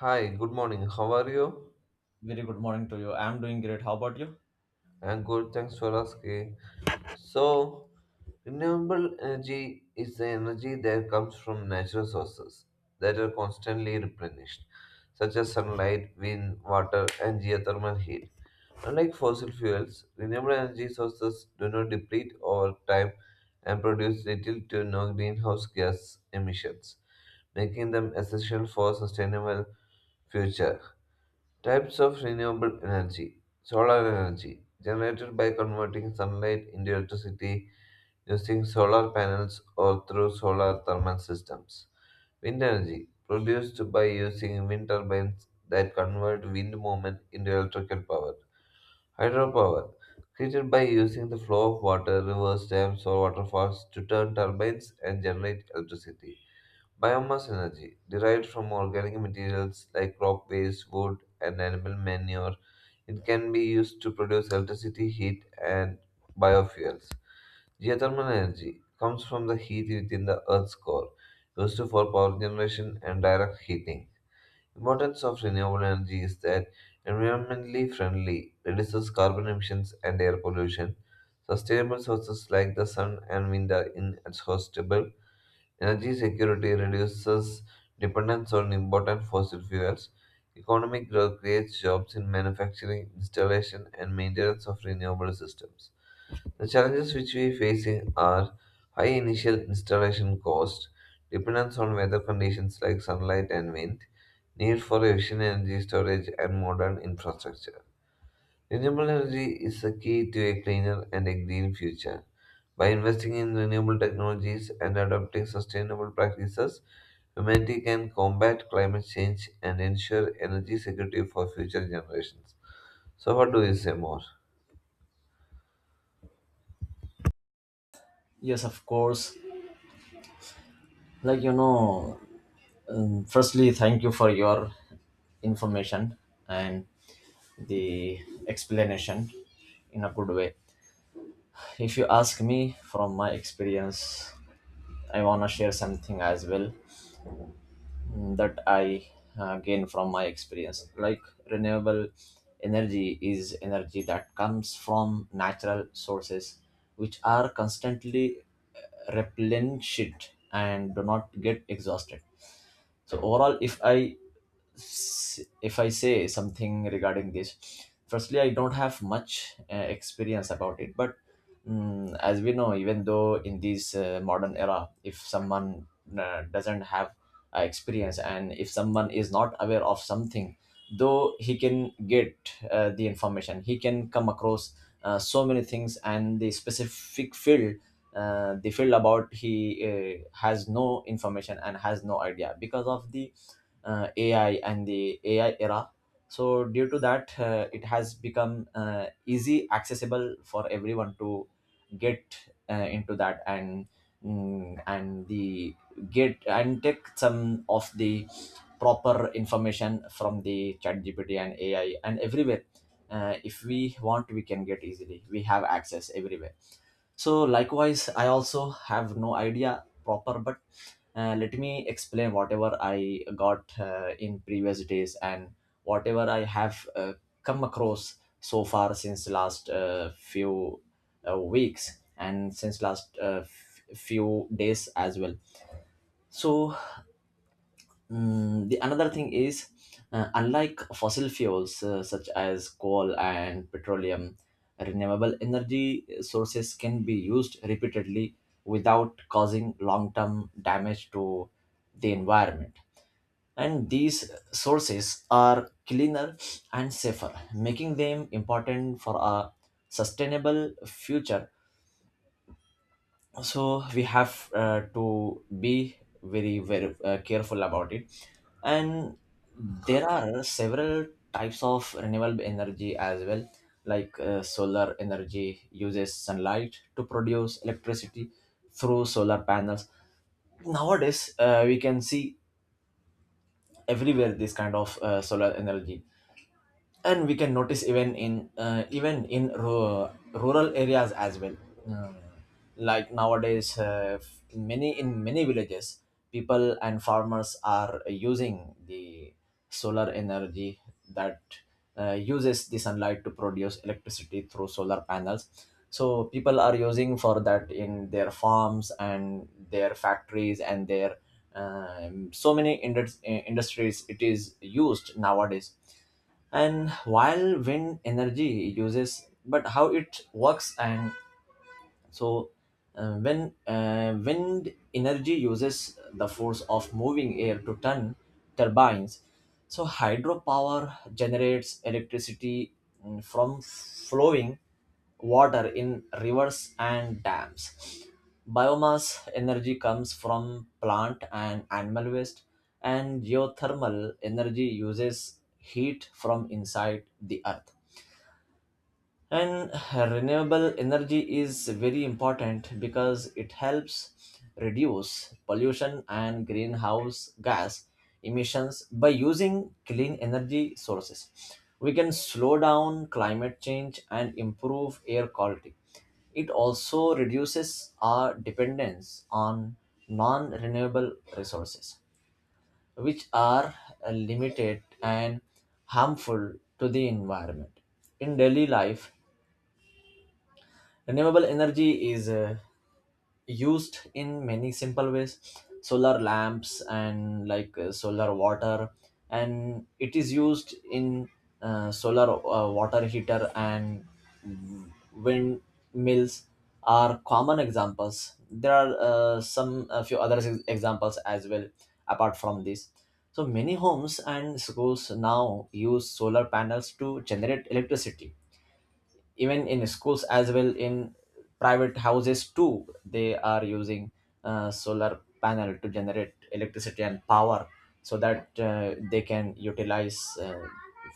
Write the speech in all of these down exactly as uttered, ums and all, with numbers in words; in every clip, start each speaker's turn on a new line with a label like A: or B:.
A: Hi, good morning. How are you?
B: Very good morning to you. I'm doing great. How about you?
A: I'm good. Thanks for asking. So, renewable energy is the energy that comes from natural sources that are constantly replenished, such as sunlight, wind, water, and geothermal heat. Unlike fossil fuels, renewable energy sources do not deplete over time and produce little to no greenhouse gas emissions, making them essential for sustainable future. Types of renewable energy solar energy, generated by converting sunlight into electricity using solar panels or through solar thermal systems. Wind energy, produced by using wind turbines that convert wind movement into electrical power. Hydropower, created by using the flow of water, rivers, dams, or waterfalls to turn turbines and generate electricity. Biomass energy, derived from organic materials like crop waste, wood, and animal manure, it can be used to produce electricity, heat, and biofuels. Geothermal energy comes from the heat within the Earth's core, used for power generation and direct heating. Importance of renewable energy is that environmentally friendly, reduces carbon emissions and air pollution. Sustainable sources like the sun and wind are inexhaustible. Energy security reduces dependence on important fossil fuels. Economic growth creates jobs in manufacturing, installation, and maintenance of renewable systems. The challenges which we facing are high initial installation cost, dependence on weather conditions like sunlight and wind, need for efficient energy storage and modern infrastructure. Renewable energy is the key to a cleaner and a green future. By investing in renewable technologies and adopting sustainable practices, humanity can combat climate change and ensure energy security for future generations. So, what do you say more?
B: Yes, of course. Like, you know, um, firstly, thank you for your information and the explanation in a good way. If you ask me from my experience, I want to share something as well. Mm, that I uh, gain from my experience. Like renewable energy is energy that comes from natural sources, which are constantly uh, replenished and do not get exhausted. So overall, if I s- if I say something regarding this, firstly, I don't have much uh, experience about it, but mm, as we know, even though in this uh, modern era, if someone uh, doesn't have uh, experience and if someone is not aware of something, though he can get uh, the information, he can come across uh, so many things and the specific field uh, the field about he uh, has no information and has no idea because of the uh, A I and the A I era. So due to that, uh, it has become uh, easy accessible for everyone to get uh, into that and mm, and the get and take some of the proper information from the chat gpt and ai and everywhere, uh, if we want we can get easily, we have access everywhere. So likewise I also have no idea proper, but uh, let me explain whatever I got uh, in previous days and whatever I have uh, come across so far since last uh, few uh, weeks and since last uh, f- few days as well. so Mm, the another thing is, uh, unlike fossil fuels uh, such as coal and petroleum, renewable energy sources can be used repeatedly without causing long-term damage to the environment. And these sources are cleaner and safer, making them important for a sustainable future. So we have uh, to be very very uh, careful about it. And there are several types of renewable energy as well, like uh, solar energy uses sunlight to produce electricity through solar panels. Nowadays uh, we can see everywhere this kind of uh, solar energy, and we can notice even in uh, even in ru- rural areas as well. Uh, like nowadays uh, f- many in many villages people and farmers are using the solar energy that uh, uses the sunlight to produce electricity through solar panels. So people are using for that in their farms and their factories and their um, so many indus- uh, industries it is used nowadays. And while wind energy uses, but how it works and so uh, when uh, wind energy uses the force of moving air to turn turbines, so hydropower generates electricity mm, from flowing water in rivers and dams. Biomass energy comes from plant and animal waste, and geothermal energy uses heat from inside the earth. And renewable energy is very important because it helps reduce pollution and greenhouse gas emissions by using clean energy sources. We can slow down climate change and improve air quality. It also reduces our dependence on non renewable resources, which are uh, limited and harmful to the environment. In daily life, renewable energy is uh, used in many simple ways: solar lamps and like uh, solar water, and it is used in uh, solar uh, water heater, and wind mills are common examples. There are uh, some a few other ex- examples as well apart from this. So many homes and schools now use solar panels to generate electricity, even in schools as well, in private houses too they are using uh, solar panel to generate electricity and power so that uh, they can utilize uh,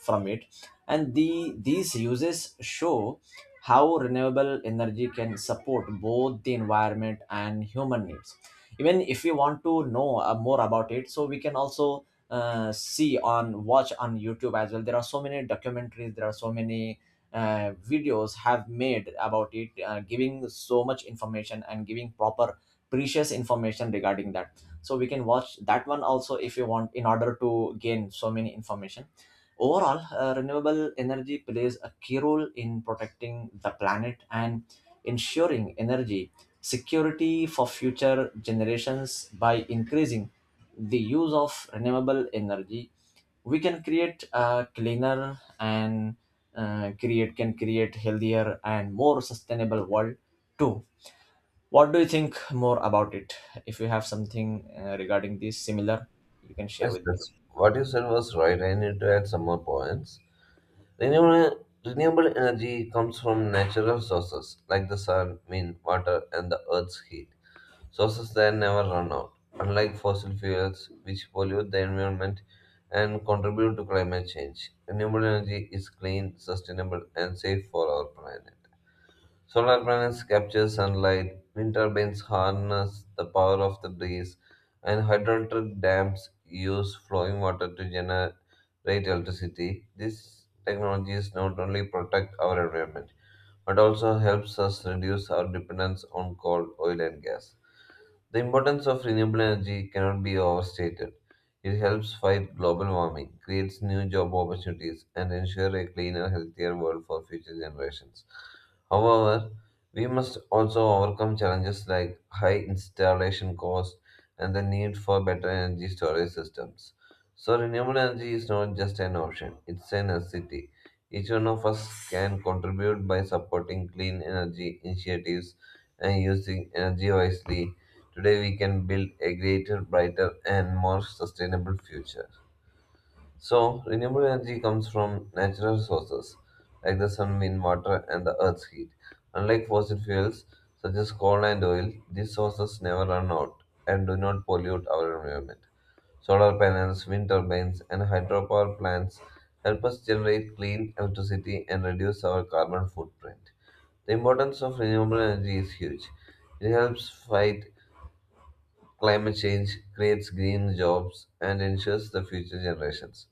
B: from it. And the these uses show how renewable energy can support both the environment and human needs. Even if we want to know uh, more about it, so we can also uh, see on watch on youtube as well. There are so many documentaries, there are so many uh, videos have made about it, uh, giving so much information and giving proper precious information regarding that. So we can watch that one also if you want in order to gain so many information. Overall, uh, renewable energy plays a key role in protecting the planet and ensuring energy security for future generations. By increasing the use of renewable energy we can create a cleaner and uh, create can create healthier and more sustainable world too. What do you think more about it? If you have something uh, regarding this similar, you can share
A: Yes,
B: with me.
A: yes. What you said was right. I need to add some more points. Renewable, renewable energy comes from natural sources like the sun, wind, water, and the earth's heat. Sources that never run out, unlike fossil fuels, which pollute the environment and contribute to climate change. Renewable energy is clean, sustainable, and safe for our planet. Solar panels capture sunlight, wind turbines harness the power of the breeze, and hydroelectric dams use flowing water to generate electricity. These technologies not only protect our environment, but also helps us reduce our dependence on coal, oil, and gas. The importance of renewable energy cannot be overstated. It helps fight global warming, creates new job opportunities, and ensure a cleaner, healthier world for future generations. However, we must also overcome challenges like high installation costs and the need for better energy storage systems. So, renewable energy is not just an option, it's a necessity. Each one of us can contribute by supporting clean energy initiatives and using energy wisely. Today we can build a greater, brighter, and more sustainable future. So, renewable energy comes from natural sources like the sun, wind, water, and the earth's heat. Unlike fossil fuels such as coal and oil, these sources never run out and do not pollute our environment. Solar panels, wind turbines, and hydropower plants help us generate clean electricity and reduce our carbon footprint. The importance of renewable energy is huge. It helps fight climate change, creates green jobs and ensures the future generations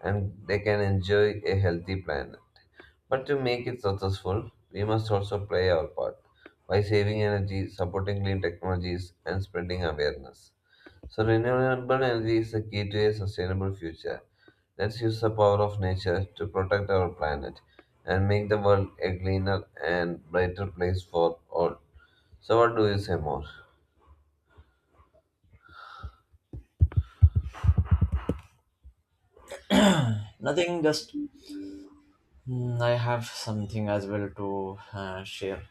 A: and they can enjoy a healthy planet. But to make it successful, we must also play our part by saving energy, supporting clean technologies and spreading awareness. So renewable energy is the key to a sustainable future. Let's use the power of nature to protect our planet and make the world a cleaner and brighter place for all. So what do you say more?
B: Nothing, just mm, I have something as well to uh, share.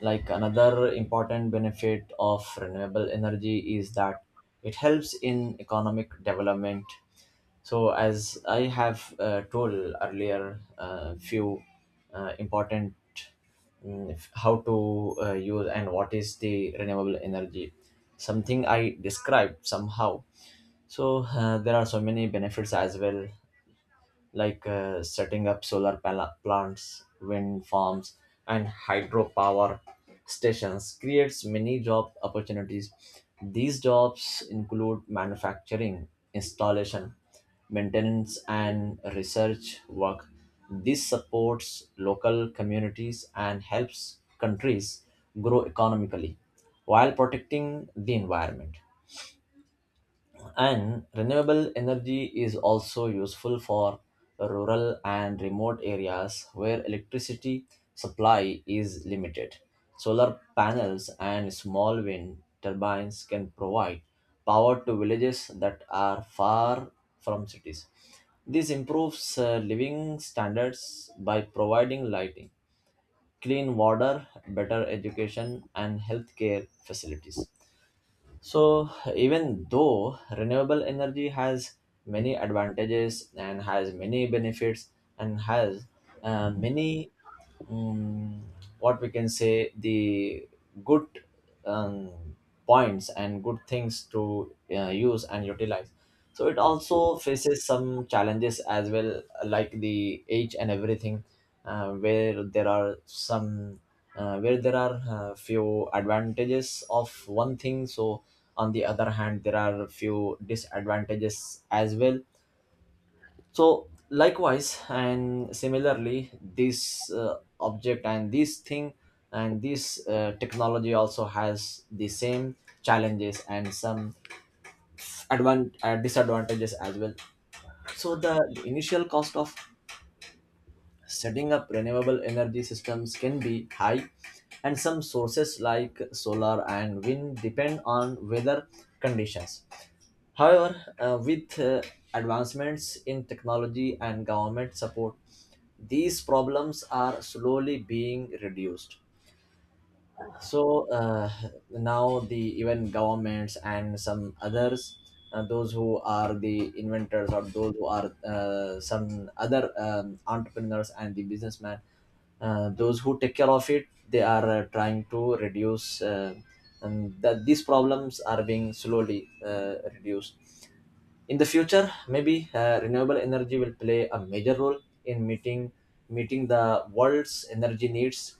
B: Like another important benefit of renewable energy is that it helps in economic development. So, as I have uh, told earlier, uh, few uh, important, mm, f- how to uh, use and what is the renewable energy, something I described somehow. So, uh, there are so many benefits as well, like uh, setting up solar pala- plants, wind farms, and hydropower stations creates many job opportunities. These jobs include manufacturing, installation, maintenance, and research work. This supports local communities and helps countries grow economically while protecting the environment. And renewable energy is also useful for rural and remote areas where electricity supply is limited. Solar panels and small wind turbines can provide power to villages that are far from cities. This improves uh, living standards by providing lighting, clean water, better education, and healthcare facilities. So, even though renewable energy has many advantages and has many benefits and has uh, many, um, what we can say, the good, um, points and good things to uh, use and utilize, so it also faces some challenges as well, like the age and everything, uh, where there are some uh, where there are uh, few advantages of one thing, so on the other hand there are few disadvantages as well. So likewise and similarly this uh, object and this thing and this uh, technology also has the same challenges and some advan- uh, disadvantages as well. So the initial cost of setting up renewable energy systems can be high, and some sources like solar and wind depend on weather conditions. However, uh, with uh, advancements in technology and government support, these problems are slowly being reduced. So uh, now the even governments and some others, uh, those who are the inventors or those who are uh, some other um, entrepreneurs and the businessmen, uh, those who take care of it, they are uh, trying to reduce uh, and that these problems are being slowly uh, reduced. In the future maybe uh, renewable energy will play a major role in meeting meeting the world's energy needs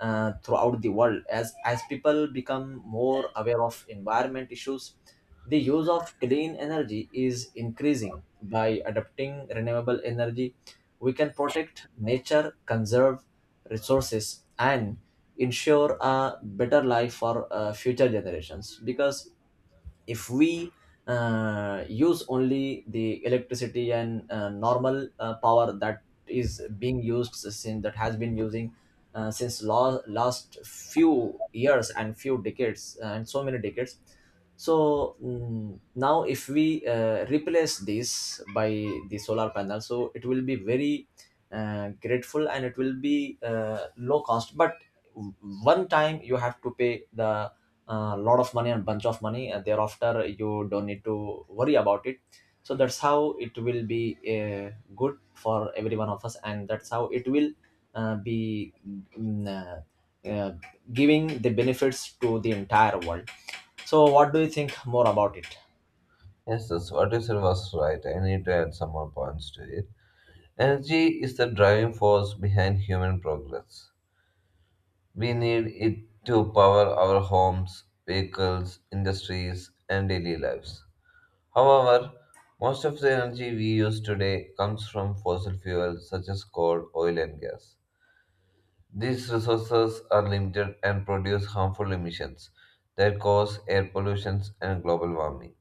B: uh, throughout the world. As as people become more aware of environment issues, the use of clean energy is increasing. By adopting renewable energy we can protect nature, conserve resources and ensure a better life for uh, future generations. Because if we uh, use only the electricity and uh, normal uh, power that is being used, since that has been using uh, since la- last few years and few decades uh, and so many decades. So mm, now if we uh, replace this by the solar panel, so it will be very uh, grateful and it will be uh, low cost, but one time you have to pay the a lot of money and bunch of money, and thereafter you don't need to worry about it. So that's how it will be uh, good for every one of us, and that's how it will uh, be mm, uh, uh, giving the benefits to the entire world. So what do you think more about it?
A: Yes, that's what you said was right. I need to add some more points to it. Energy is the driving force behind human progress. We need it to power our homes, vehicles, industries, and daily lives. However, most of the energy we use today comes from fossil fuels such as coal, oil, and gas. These resources are limited and produce harmful emissions that cause air pollution and global warming.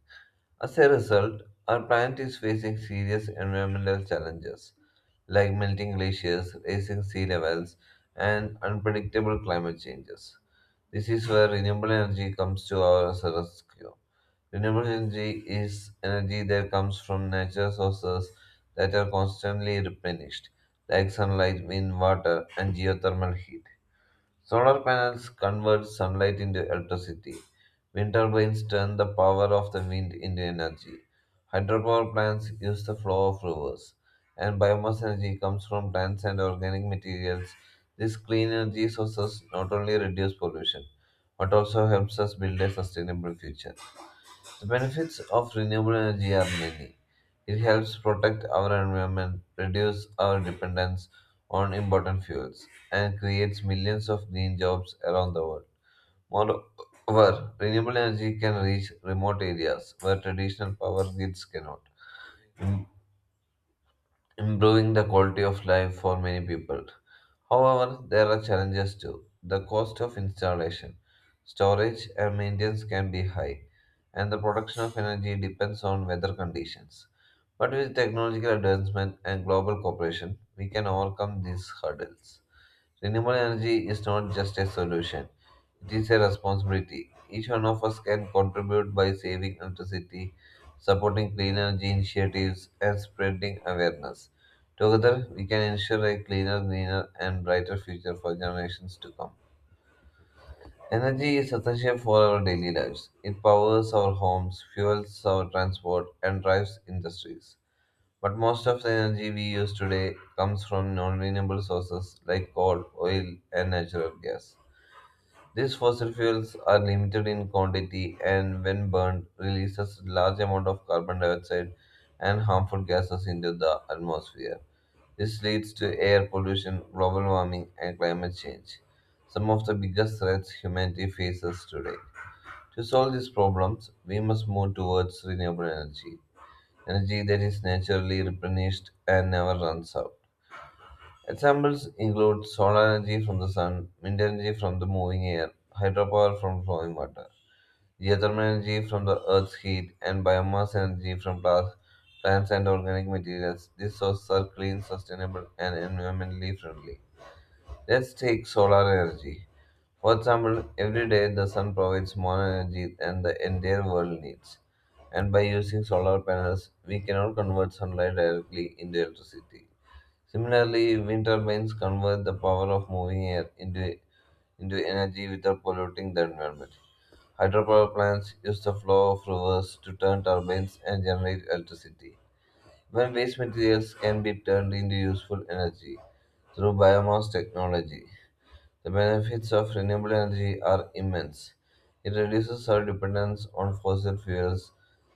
A: As a result, our planet is facing serious environmental challenges like melting glaciers, rising sea levels, and unpredictable climate changes. This is where renewable energy comes to our rescue. Renewable energy is energy that comes from natural sources that are constantly replenished, like sunlight, wind, water, and geothermal heat. Solar panels convert sunlight into electricity. Wind turbines turn the power of the wind into energy. Hydropower plants use the flow of rivers. And biomass energy comes from plants and organic materials. These clean energy sources not only reduce pollution, but also helps us build a sustainable future. The benefits of renewable energy are many. It helps protect our environment, reduce our dependence on important fuels, and creates millions of green jobs around the world. Moreover, renewable energy can reach remote areas where traditional power grids cannot, improving the quality of life for many people. However, there are challenges too. The cost of installation, storage, and maintenance can be high, and the production of energy depends on weather conditions. But with technological advancement and global cooperation, we can overcome these hurdles. Renewable energy is not just a solution, it is a responsibility. Each one of us can contribute by saving electricity, supporting clean energy initiatives, and spreading awareness. Together, we can ensure a cleaner, greener, and brighter future for generations to come. Energy is essential for our daily lives. It powers our homes, fuels our transport, and drives industries. But most of the energy we use today comes from non-renewable sources like coal, oil, and natural gas. These fossil fuels are limited in quantity and when burned releases large amount of carbon dioxide and harmful gases into the atmosphere. This leads to air pollution, global warming, and climate change, some of the biggest threats humanity faces today. To solve these problems, we must move towards renewable energy energy that is naturally replenished and never runs out. Examples include solar energy from the sun, wind energy from the moving air, hydropower from flowing water, geothermal energy from the earth's heat, and biomass energy from pla- plants and organic materials. These sources are clean, sustainable, and environmentally friendly. Let's take solar energy. For example, every day the sun provides more energy than the entire world needs. And by using solar panels, we cannot convert sunlight directly into electricity. Similarly, wind turbines convert the power of moving air into, into energy without polluting the environment. Hydropower plants use the flow of rivers to turn turbines and generate electricity. When waste materials can be turned into useful energy through biomass technology. The benefits of renewable energy are immense. It reduces our dependence on fossil fuels,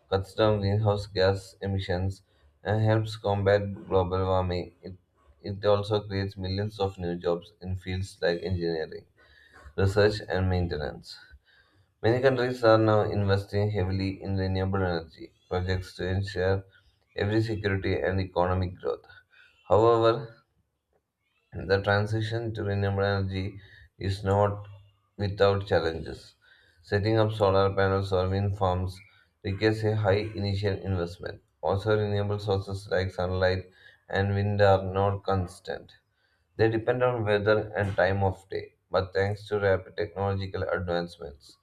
A: cuts down greenhouse gas emissions, and helps combat global warming. It, it also creates millions of new jobs in fields like engineering, research, and maintenance. Many countries are now investing heavily in renewable energy projects to ensure every security and economic growth. However, the transition to renewable energy is not without challenges. Setting up solar panels or wind farms requires a high initial investment. Also, renewable sources like sunlight and wind are not constant. They depend on weather and time of day, but thanks to rapid technological advancements,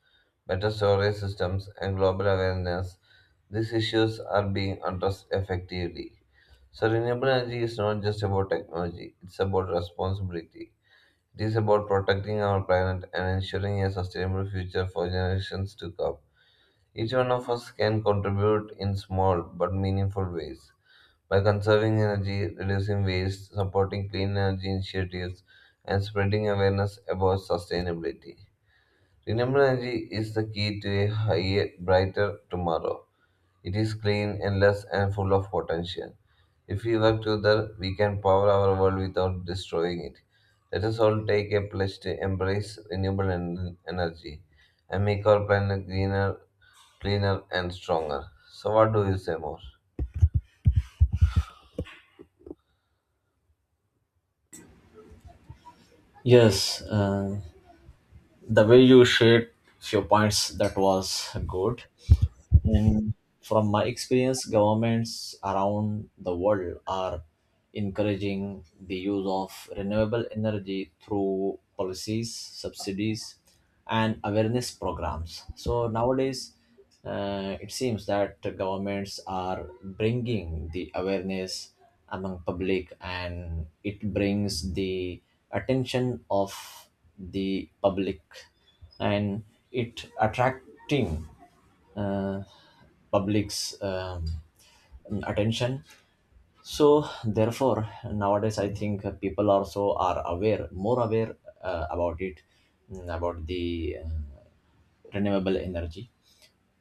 A: better storage systems, and global awareness, these issues are being addressed effectively. So, renewable energy is not just about technology, it's about responsibility. It is about protecting our planet and ensuring a sustainable future for generations to come. Each one of us can contribute in small but meaningful ways by conserving energy, reducing waste, supporting clean energy initiatives, and spreading awareness about sustainability. Renewable energy is the key to a higher, brighter tomorrow. It is clean, endless, and full of potential. If we work together, we can power our world without destroying it. Let us all take a pledge to embrace renewable en- energy and make our planet greener, cleaner, and stronger. So, what do you say more?
B: Yes, uh, the way you shared few points, that was good. And from my experience, governments around the world are encouraging the use of renewable energy through policies, subsidies, and awareness programs. So nowadays, uh, it seems that governments are bringing the awareness among public, and it brings the attention of the public, and it attracting uh, public's um, attention. So therefore nowadays I think uh, people also are aware more aware uh, about it, mm, about the uh, renewable energy.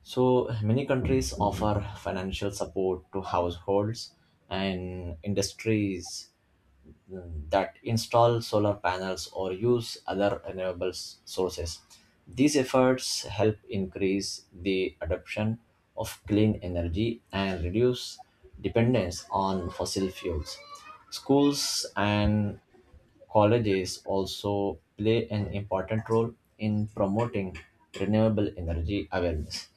B: So many countries offer financial support to households and industries that install solar panels or use other renewable s- sources. These efforts help increase the adoption of clean energy and reduce dependence on fossil fuels. Schools and colleges also play an important role in promoting renewable energy awareness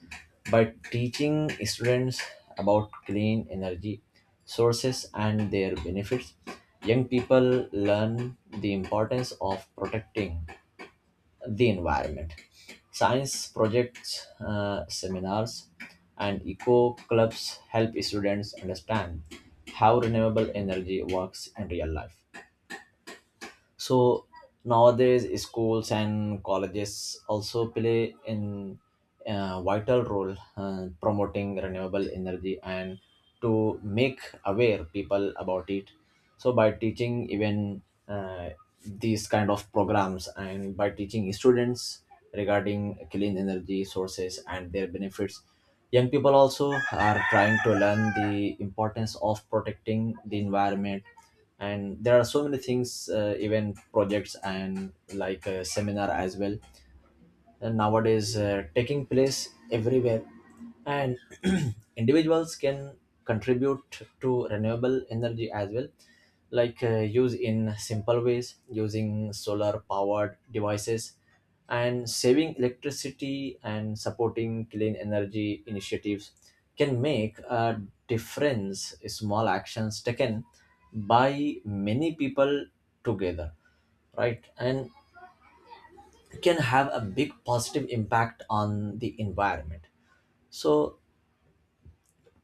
B: by teaching students about clean energy sources and their benefits. Young people learn the importance of protecting the environment. Science projects, uh, seminars, and eco clubs help students understand how renewable energy works in real life. So nowadays schools and colleges also play in a vital role uh, promoting renewable energy and to make aware people about it. So by teaching even uh, these kind of programs and by teaching students regarding clean energy sources and their benefits, young people also are trying to learn the importance of protecting the environment. And there are so many things, uh, even projects and like a seminar as well, uh, nowadays uh, taking place everywhere. And individuals can contribute to renewable energy as well, like uh, use in simple ways, using solar powered devices and saving electricity and supporting clean energy initiatives can make a difference. Small actions taken by many people together, right, and can have a big positive impact on the environment. So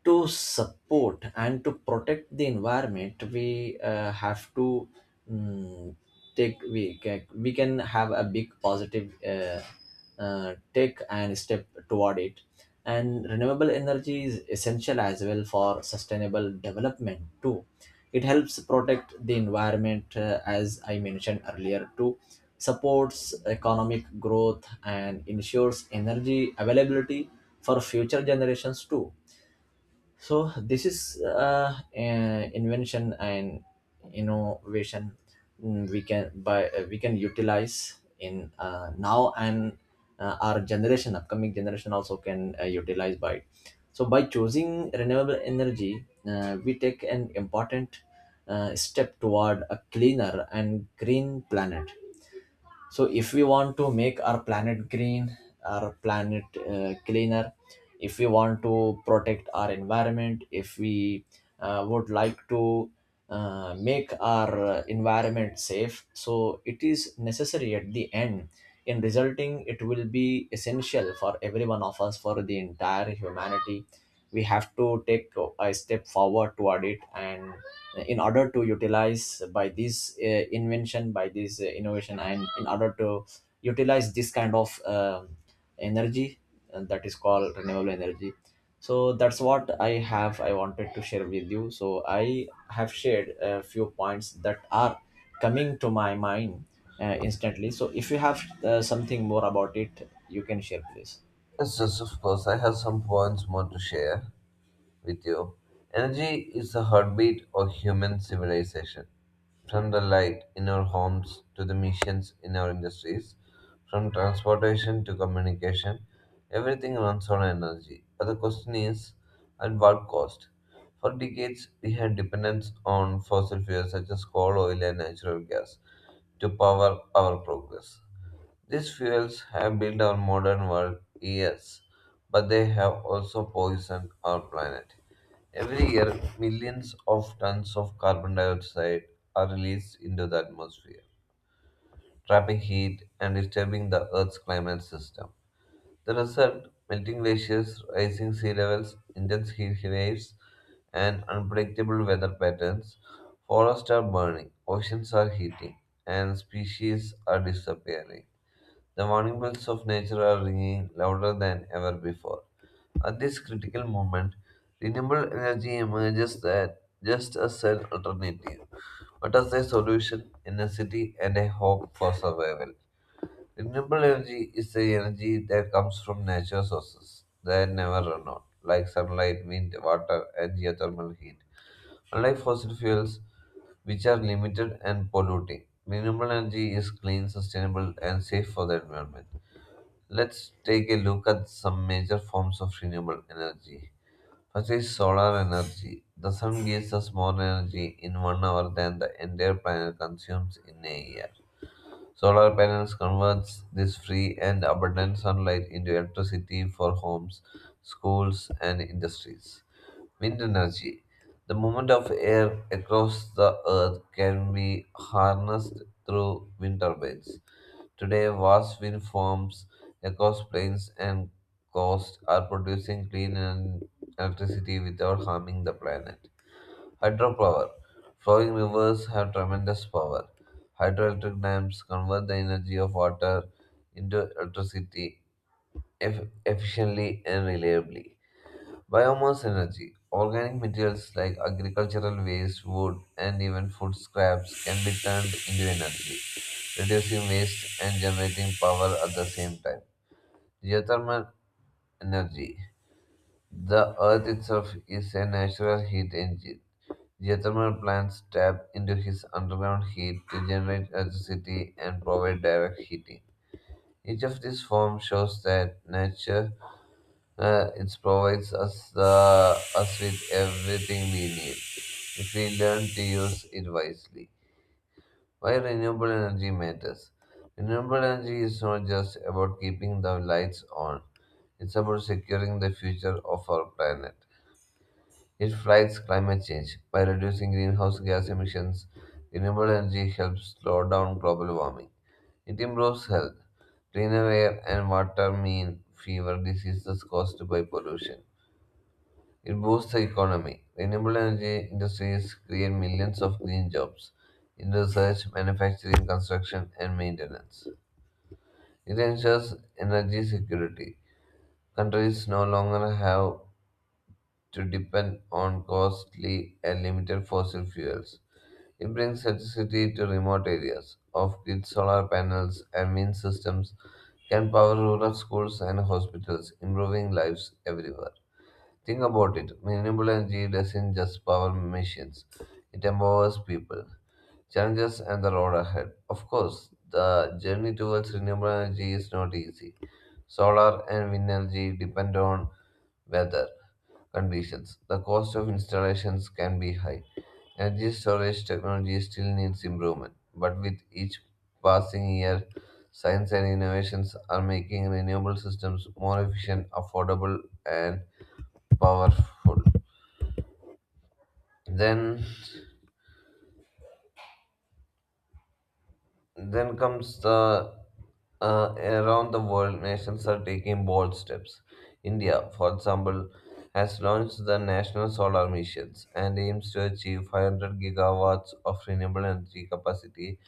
B: to support and to protect the environment we uh, have to, mm, take we can, we can have a big positive uh, uh, take and step toward it. And renewable energy is essential as well for sustainable development too. It helps protect the environment, uh, as I mentioned earlier too, supports economic growth and ensures energy availability for future generations too. So this is uh, an invention and innovation, mm, we can by uh, we can utilize in uh, now, and uh, our generation, upcoming generation also can uh, utilize by it. So by choosing renewable energy uh, we take an important uh, step toward a cleaner and green planet. So if we want to make our planet green, our planet uh, cleaner, if we want to protect our environment, if we uh, would like to uh, make our uh, environment safe, so it is necessary at the end. In resulting, it will be essential for every one of us, for the entire humanity. We have to take a step forward toward it and in order to utilize by this uh, invention, by this uh, innovation, and in order to utilize this kind of um energy, and that is called renewable energy. So that's what i have I wanted to share with you. So I have shared a few points that are coming to my mind uh, instantly. So if you have uh, something more about it you can share, please.
A: Yes, yes, of course. I have some points more to share with you. Energy is the heartbeat of human civilization. From the light in our homes to the missions in our industries, from transportation to communication, everything runs on energy. But the question is, at what cost? For decades, we had dependence on fossil fuels such as coal, oil, and natural gas to power our progress. These fuels have built our modern world, yes, but they have also poisoned our planet. Every year, millions of tons of carbon dioxide are released into the atmosphere, trapping heat and disturbing the Earth's climate system. The result melting glaciers, rising sea levels, intense heat waves, and unpredictable weather patterns. Forests are burning, oceans are heating, and species are disappearing. The warning bells of nature are ringing louder than ever before. At this critical moment, renewable energy emerges that just as an alternative, but as a solution, a necessity, and a hope for survival. Renewable energy is the energy that comes from natural sources that never run out, like sunlight, wind, water, and geothermal heat. Unlike fossil fuels, which are limited and polluting, renewable energy is clean, sustainable, and safe for the environment. Let's take a look at some major forms of renewable energy. First is solar energy. The sun gives us more energy in one hour than the entire planet consumes in a year. Solar panels converts this free and abundant sunlight into electricity for homes, schools, and industries. Wind energy. The movement of air across the earth can be harnessed through wind turbines. Today, vast wind farms across plains and coasts are producing clean en- electricity without harming the planet. Hydropower. Flowing rivers have tremendous power. Hydroelectric dams convert the energy of water into electricity eff- efficiently and reliably. Biomass energy. Organic materials like agricultural waste, wood, and even food scraps can be turned into energy, reducing waste and generating power at the same time. Geothermal energy. The earth itself is a natural heat engine. Geothermal plants tap into its underground heat to generate electricity and provide direct heating. Each of these forms shows that nature Uh, it provides us the us with everything we need if we learn to use it wisely. Why renewable energy matters? Renewable energy is not just about keeping the lights on; it's about securing the future of our planet. It fights climate change by reducing greenhouse gas emissions. Renewable energy helps slow down global warming. It improves health. Cleaner air and water mean fewer diseases caused by pollution. It boosts the economy. Renewable energy industries create millions of green jobs in research, manufacturing, construction, and maintenance. It ensures energy security. Countries no longer have to depend on costly and limited fossil fuels. It brings electricity to remote areas. Off-grid solar panels and wind systems can power rural schools and hospitals, improving lives everywhere. Think about it. Renewable energy doesn't just power machines, it empowers people. Challenges and the road ahead. Of course, the journey towards renewable energy is not easy. Solar and wind energy depend on weather, conditions, the cost of installations can be high. Energy storage technology still needs improvement, but with each passing year, science and innovations are making renewable systems more efficient, affordable, and powerful. Then Then comes the uh, Around the world, nations are taking bold steps. India, for example, has launched the National Solar Missions and aims to achieve five hundred gigawatts of renewable energy capacity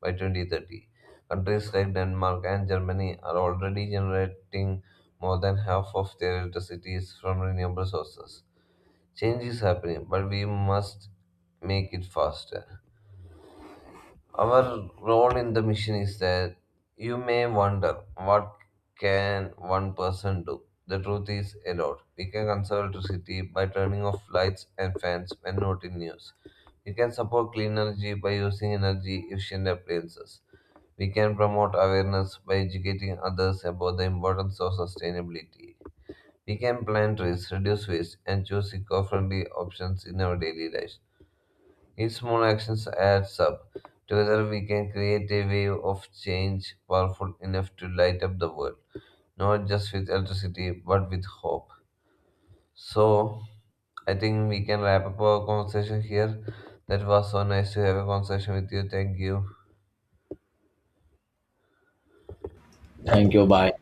A: by twenty thirty. Countries like Denmark and Germany are already generating more than half of their electricity is from renewable sources. Change is happening, but we must make it faster. Our role in the mission is that you may wonder what can one person do. The truth is a lot. We can conserve electricity by turning off lights and fans when not in use. We can support clean energy by using energy efficient appliances. We can promote awareness by educating others about the importance of sustainability. We can plant trees, reduce waste, and choose eco friendly options in our daily lives. Each small action adds up. Together we can create a wave of change powerful enough to light up the world, not just with electricity, but with hope. So, I think we can wrap up our conversation here. That was so nice to have a conversation with you. Thank you.
B: Thank you, bye.